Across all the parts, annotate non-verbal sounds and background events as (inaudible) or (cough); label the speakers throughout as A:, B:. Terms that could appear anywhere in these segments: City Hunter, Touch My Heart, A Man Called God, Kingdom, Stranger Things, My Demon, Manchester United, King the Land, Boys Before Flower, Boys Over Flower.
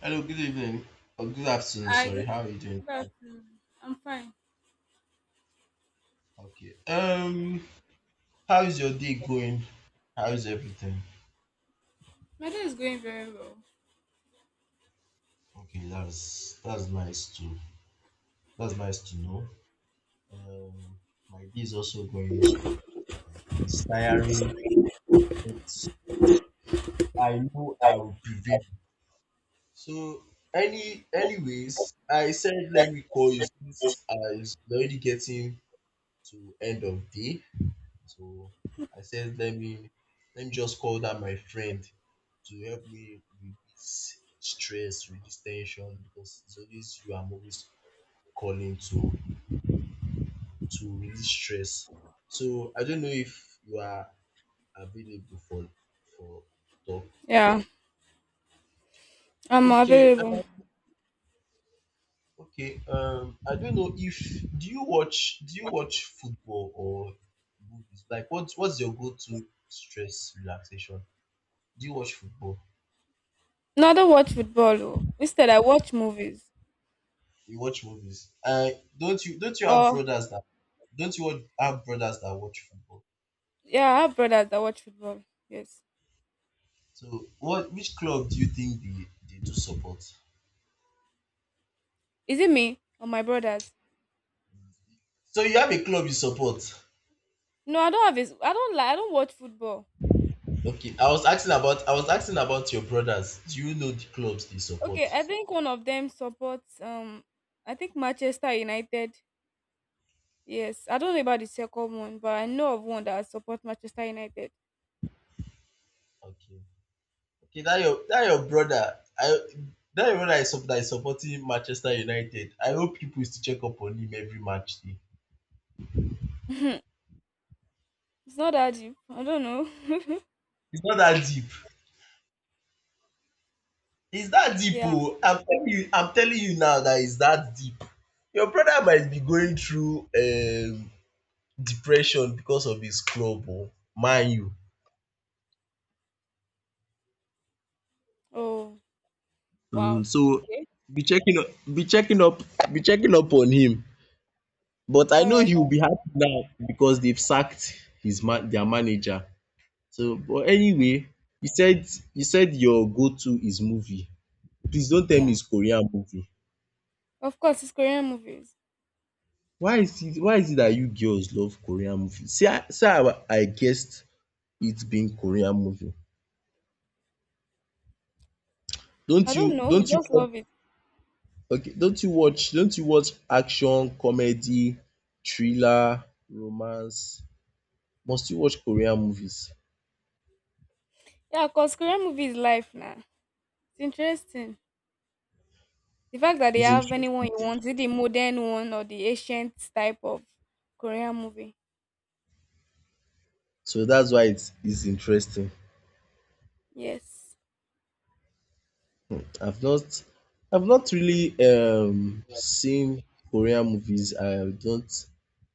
A: Hello, good evening. Or good afternoon,
B: I
A: sorry.
B: did.
A: How are you doing?
B: Good afternoon. I'm fine.
A: Okay. How is your day going? How is everything?
B: My day is going very well.
A: Okay, that's nice to that's nice to know. Um, my day is also going. It's tiring, but I know I will prevail. So anyways, I said let me call you since I is already getting to end of day. So I said, let me just call that my friend to help me release stress, release tension because it's always you I'm always calling to release stress. So I don't know if you are available for talk.
B: Yeah, I'm
A: Okay,
B: available.
A: okay. I don't know if do you watch football or movies? Like, what's your go-to stress relaxation? Do you watch football?
B: No, I don't watch football. Oh. Instead, I watch movies.
A: You watch movies. I don't you have
B: Or
A: brothers that don't you want- have brothers that watch football?
B: Yeah, I have brothers that watch football. Yes,
A: So what which club do you think they do support?
B: is it me or my brothers?
A: So you have a club you support.
B: No, I don't have. His, I don't like. I don't watch football.
A: Okay. I was asking about your brothers. Do you know the clubs they
B: Okay,
A: support?
B: I think one of them supports. I think Manchester United. Yes, I don't know about the second one, but I know of one that supports Manchester United.
A: Okay. Okay, that your brother. I that is supporting Manchester United. I hope people is to check up on him every match day.
B: (laughs) It's not that deep. I don't know. (laughs)
A: It's not that deep. It's that deep
B: Yeah.
A: oh. I'm telling you now that it's that deep. Your brother might be going through depression because of his club oh. Man U.
B: Oh. Wow.
A: So
B: Okay.
A: be checking up be checking up be checking up on him. But I
B: All
A: know
B: right.
A: he'll be happy now because they've sacked his man their manager. So but anyway, you said you said your go to is movie. Please don't tell me
B: Yeah.
A: it's Korean movie.
B: Of course, it's Korean movies.
A: Why is it that you girls love Korean movie? See how I guessed it being Korean movie. Don't
B: I don't
A: you
B: know. We
A: don't you
B: just
A: watch
B: love it.
A: okay don't you watch action, comedy, thriller, romance? Must you watch Korean movies?
B: Yeah, cause Korean movie is life now. It's interesting. The fact that they
A: It's
B: have anyone
A: interesting.
B: you want, is it the modern one or the ancient type of Korean movie?
A: So that's why it is interesting.
B: Yes.
A: I've not I've not really seen Korean movies. I don't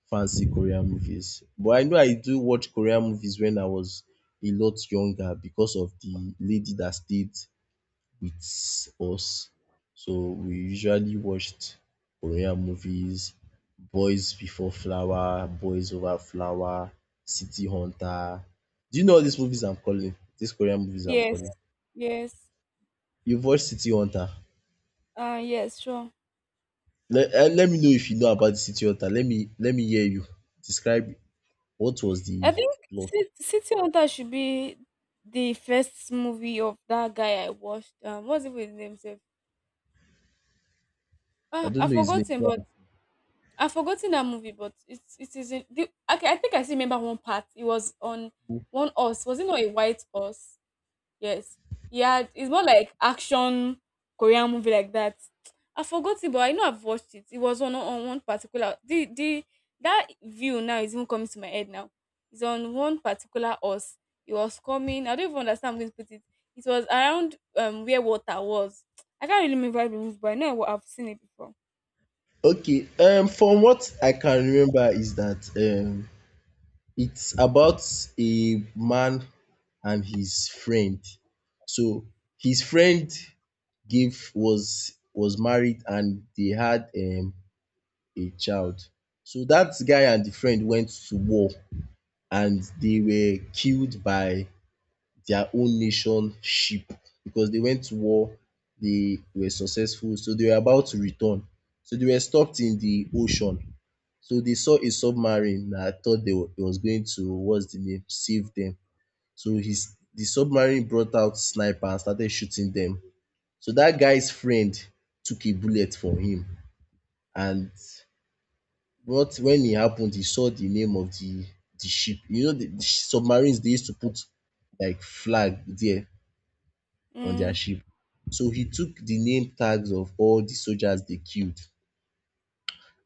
A: fancy Korean movies. But I know I do watch Korean movies when I was a lot younger because of the lady that stayed with us. So we usually watched Korean movies, Boys Before Flower, Boys Over Flower, City Hunter. Do you know all these movies I'm calling? These Korean movies I'm
B: Yes.
A: calling?
B: Yes.
A: You've watched City Hunter?
B: Yes, sure.
A: Let me know if you know about the city hunter. Let me hear you describe what was
B: I
A: the
B: think
A: plot.
B: City Hunter should be the first movie of that guy I watched. What's it with his name? Sef?
A: I don't
B: I
A: know his
B: forgot
A: name.
B: him,
A: Yeah.
B: but I've forgotten that movie, but it is in the okay. I think I still remember one part. It was on one horse. Was it not a white horse? Yes. Yeah, it's more like action Korean movie like that. I forgot it, but I know I've watched it. It was on one particular the that view now is even coming to my head now. It's on one particular horse. It was coming. I don't even understand how I'm going to put it. It was around where water was. I can't really remember the movie, but I know I've seen it before.
A: Okay. From what I can remember is that it's about a man and his friend. So his friend gave was married and they had a child. So that guy and the friend went to war and they were killed by their own nation ship because they went to war. They were successful, so they were about to return. So they were stopped in the ocean. So they saw a submarine that thought they were, it was going to what's the name save them. So his the submarine brought out sniper and started shooting them. So that guy's friend took a bullet for him and what when it happened, he saw the name of the ship. You know the submarines they used to put like flag there on their
B: Mm,
A: ship. So he took the name tags of all the soldiers they killed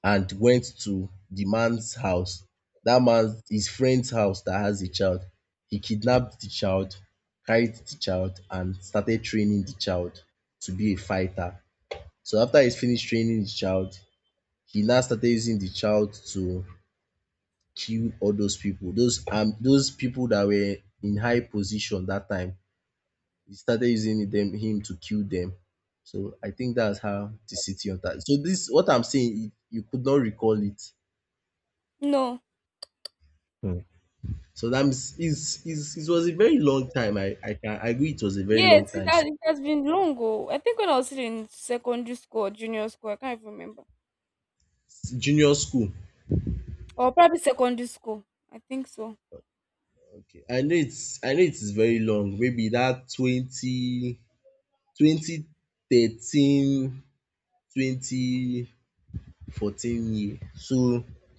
A: and went to the man's house. That man's his friend's house that has a child. He kidnapped the child, carried the child, and started training the child to be a fighter. So after he's finished training the child, he now started using the child to kill all those people, those people that were in high position that time. He started using them him to kill them. So I think that's how the city hunter. So this what I'm saying, you could not recall it.
B: no.
A: So that means it was a very long time. I can agree it was a very
B: Yes,
A: long
B: it
A: time.
B: has,
A: So
B: it has been long ago. I think when I was still in secondary school or junior school, I can't even remember.
A: it's junior school.
B: Or probably secondary school. I think so.
A: Okay. I know it is very long. Maybe that twenty twenty thirteen 2014 year. So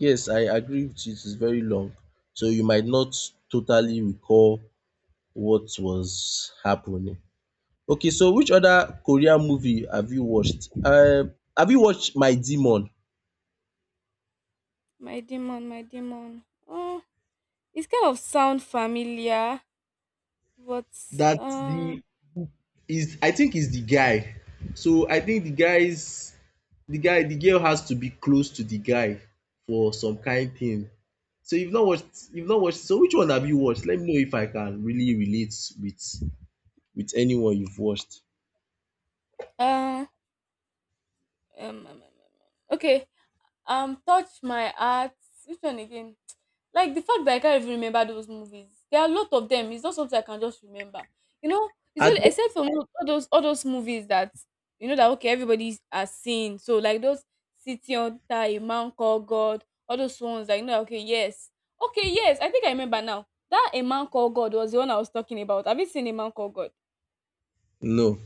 A: yes, I agree with you, it is very long. So you might not totally recall what was happening. Okay, so which other Korean movie have you watched? Have you watched My Demon?
B: My demon, my demon. Oh, it's kind of sound familiar, but
A: That
B: uh,
A: the is I think is the guy. So I think the girl has to be close to the guy for some kind thing. So you've not watched so which one have you watched? Let me know if I can really relate with with anyone you've watched.
B: uh, um, um, um, um, um. okay. Touch My Heart. Which one again? (tsk) Like the fact that I can't even remember those movies. There are a lot of them. It's not something I can just remember. You know, it's
A: I
B: only
A: don't
B: except for all those movies that you know that okay everybody has seen. So like those City Hunter, A Man Called God, all those ones that you know. Okay, yes, okay, yes. I think I remember now. That A Man Called God was the one I was talking about. Have you seen A Man Called God?
A: no.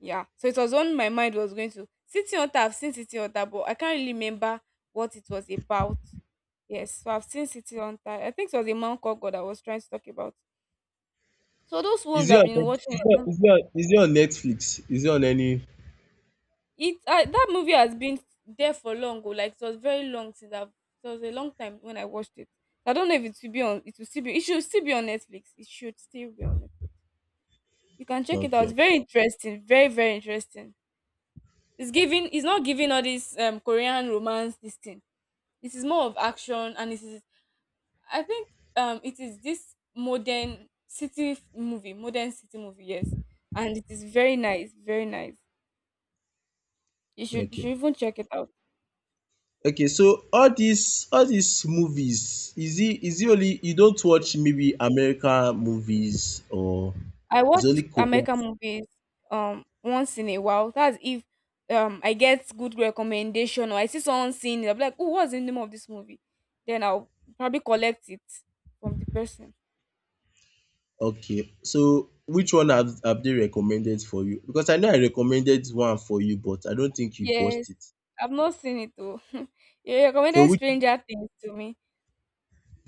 B: Yeah. So it was on my mind was going to City Hunter. I've seen City Hunter, but I can't really remember what it was about. Yes. So I've seen City Hunter. I think it was a man called God I was trying to talk about. So those
A: Is
B: ones
A: it
B: I've
A: on
B: been watching. Mhm.
A: Is it on Netflix? Is it on any
B: It That movie has been there for long. Oh, like it was very long since I've. It was a long time when I watched it. I don't know if it will be on. It will still be. It should still be on Netflix. It should still be on Netflix. You can check it out. It's
A: okay.
B: very interesting. Very very interesting. It's giving. It's not giving all this Korean romance this thing. It is more of action, and i think it is this modern city movie, modern city movie, yes. And it is very nice, very nice. you should you
A: Okay.
B: should even check it out.
A: Okay, so all these movies, is it only you don't watch maybe American movies or
B: I
A: it's
B: watch
A: only Korean?
B: American movies once in a while. That's if I get good recommendation, or I see someone seeing it, I'll be like, oh, what's the name of this movie, then I'll probably collect it from the person.
A: Okay, so which one have they recommended for you? Because I know I recommended one for you, but I don't think you've watched
B: Yes,
A: it.
B: I've not seen it though. (laughs) You
A: So
B: recommended
A: which
B: Stranger Things to me.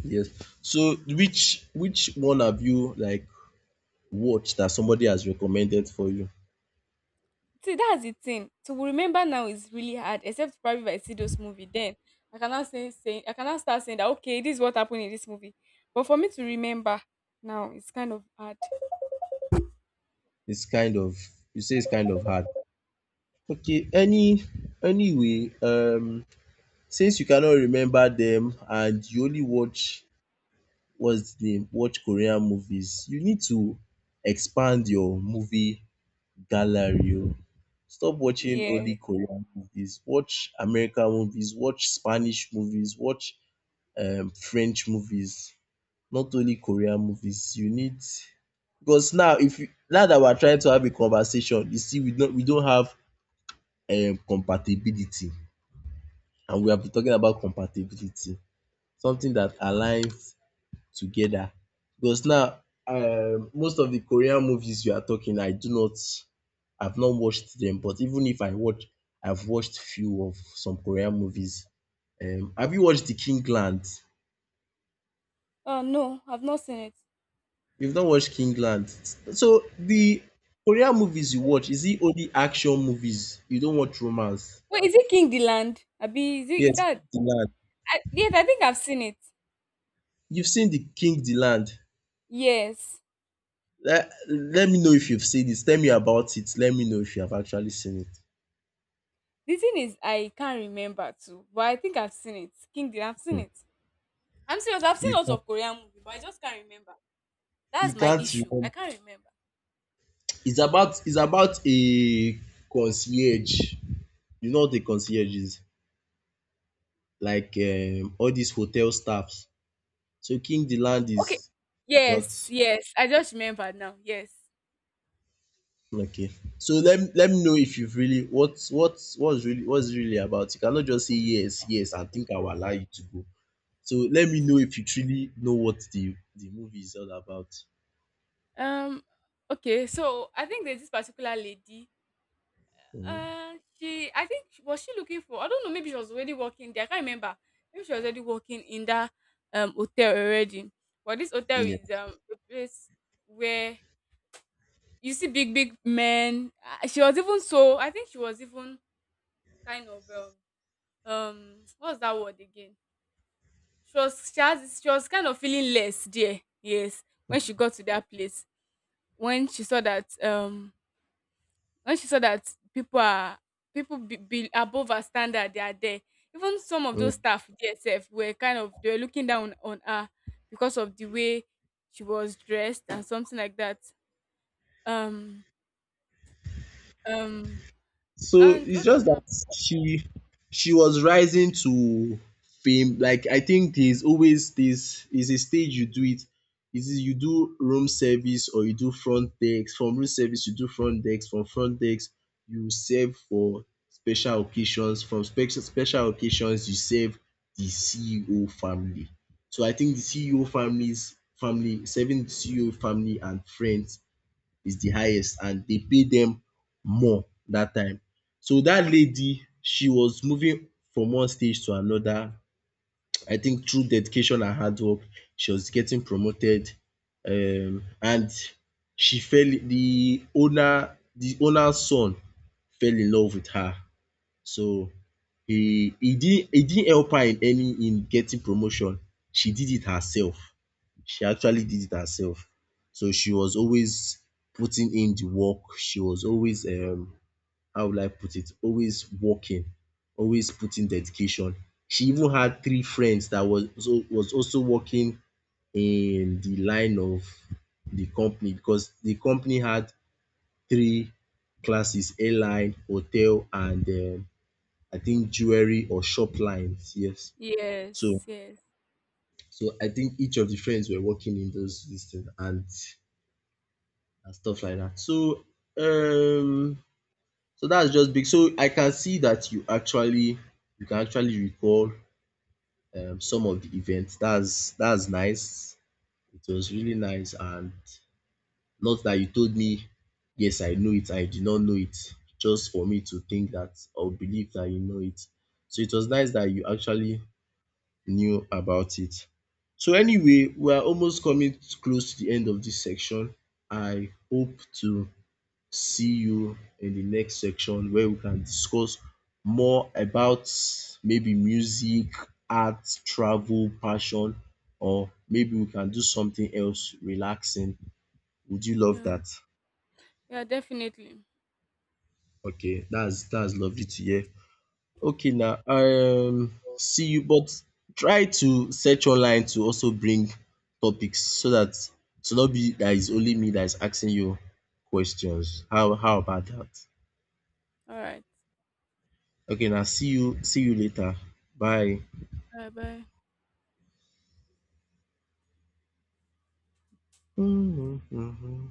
A: yes. So which one have you like watched that somebody has recommended for you?
B: See, that's the thing. To remember now is really hard, except probably if I see those movie. Then I cannot saying I cannot start saying that, okay, this is what happened in this movie. But for me to remember now, it's kind of hard.
A: It's kind of you say it's kind of hard. Okay, anyway, since you cannot remember them and you only watch what's the name watch Korean movies, you need to expand your movie gallery. Oh. Stop watching
B: Yes.
A: only Korean movies. Watch American movies. Watch Spanish movies. Watch French movies. Not only Korean movies. You need because now if you, now that we're trying to have a conversation, you see we don't have compatibility, and we have been talking about compatibility. Something that aligns together. Because now most of the Korean movies you are talking I do not I've not watched them but even if I watch I've watched few of some Korean movies. Have you watched the Kingland?
B: Oh no, I've not seen it.
A: You've not watched Kingland. So the Korean movies you watch is it only action movies? You don't watch romance?
B: Wait, is it King the Land? Abi, is
A: Yes,
B: that?
A: King the Land.
B: Yes, I think I've seen it.
A: You've seen the King the Land.
B: Yes.
A: Let me know if you've seen this. Tell me about it. Let me know if you have actually seen it.
B: The thing is, I can't remember too, but I think I've seen it. Kingdom, I've seen
A: Hmm.
B: it. I'm serious. I've seen
A: You
B: lots
A: can't,
B: of Korean movie, but I just can't remember.
A: you
B: That's my
A: can't
B: issue. I
A: remember.
B: can't remember.
A: It's about a concierge. You know what a concierge is? Like all these hotel staffs. So King the Land
B: Okay.
A: is about
B: Yes. Yes. I just remember now. Yes.
A: okay. So let me know if you've really what what's really about. You cannot just say yes, yes and think I will allow you to go. So let me know if you truly know what the movie is all about.
B: Um. Okay. So I think there's this particular lady.
A: Mhm.
B: She. I think was she looking for? I don't know. Maybe she was already working there. I can't remember. Maybe she was already working in that hotel already. But this hotel
A: Yeah.
B: is a place where you see big big men. Ah, she was even, so I think she was even kind of what's that word again? She was kind of feeling less there, yes, when she got to that place, when she saw that um when she saw that people are people be above her standard they are there, even some of
A: Mm.
B: those staff dsf were kind of they were looking down on her because of the way she was dressed and something like that. um um
A: So
B: and
A: it's
B: what
A: just that
B: else?
A: she she was rising to fame. Like I think there's always this is a stage you do it. Is it you do room service or you do front desk? From room service you do front desk. From front desk you serve for special occasions. From special occasions you serve the CEO family. So I think the CEO families family serving the CEO family and friends is the highest and dey pay dem more dat time. So dat lady she was moving from one stage to another I think through dedication and hard work she was getting promoted and she fell the owner's son fell in love with her so he didn't help her in any in getting promotion she did it herself. She actually did it herself. So she was always putting in the work. She was always how would I put it? Always working, always putting dedication. She even had three friends that was also working in the line of the company because the company had three classes: airline, hotel, and I think jewelry or shop lines. Yes. So
B: Yes, yes.
A: so I think each of the friends were working in those systems and and stuff like that. So um so that's just big. So I can see that you can actually recall some of the events. That's nice. It was really nice and not that you told me yes I know it, I did not know it. Just for me to think that or believe that you know it. So it was nice that you actually knew about it. So anyway, we are almost coming close to the end of this section. I hope to see you in the next section where we can discuss more about maybe music, art, travel, passion or maybe we can do something else relaxing. Would you love
B: Yeah,
A: that?
B: yeah, definitely.
A: Okay, that's lovely to hear. Okay now see you but try to search online to also bring topics so that to not be dat is only me that is asking you questions. How about that?
B: All right.
A: Okay, now see you later. Bye.
B: Bye bye.
A: Mm-hmm.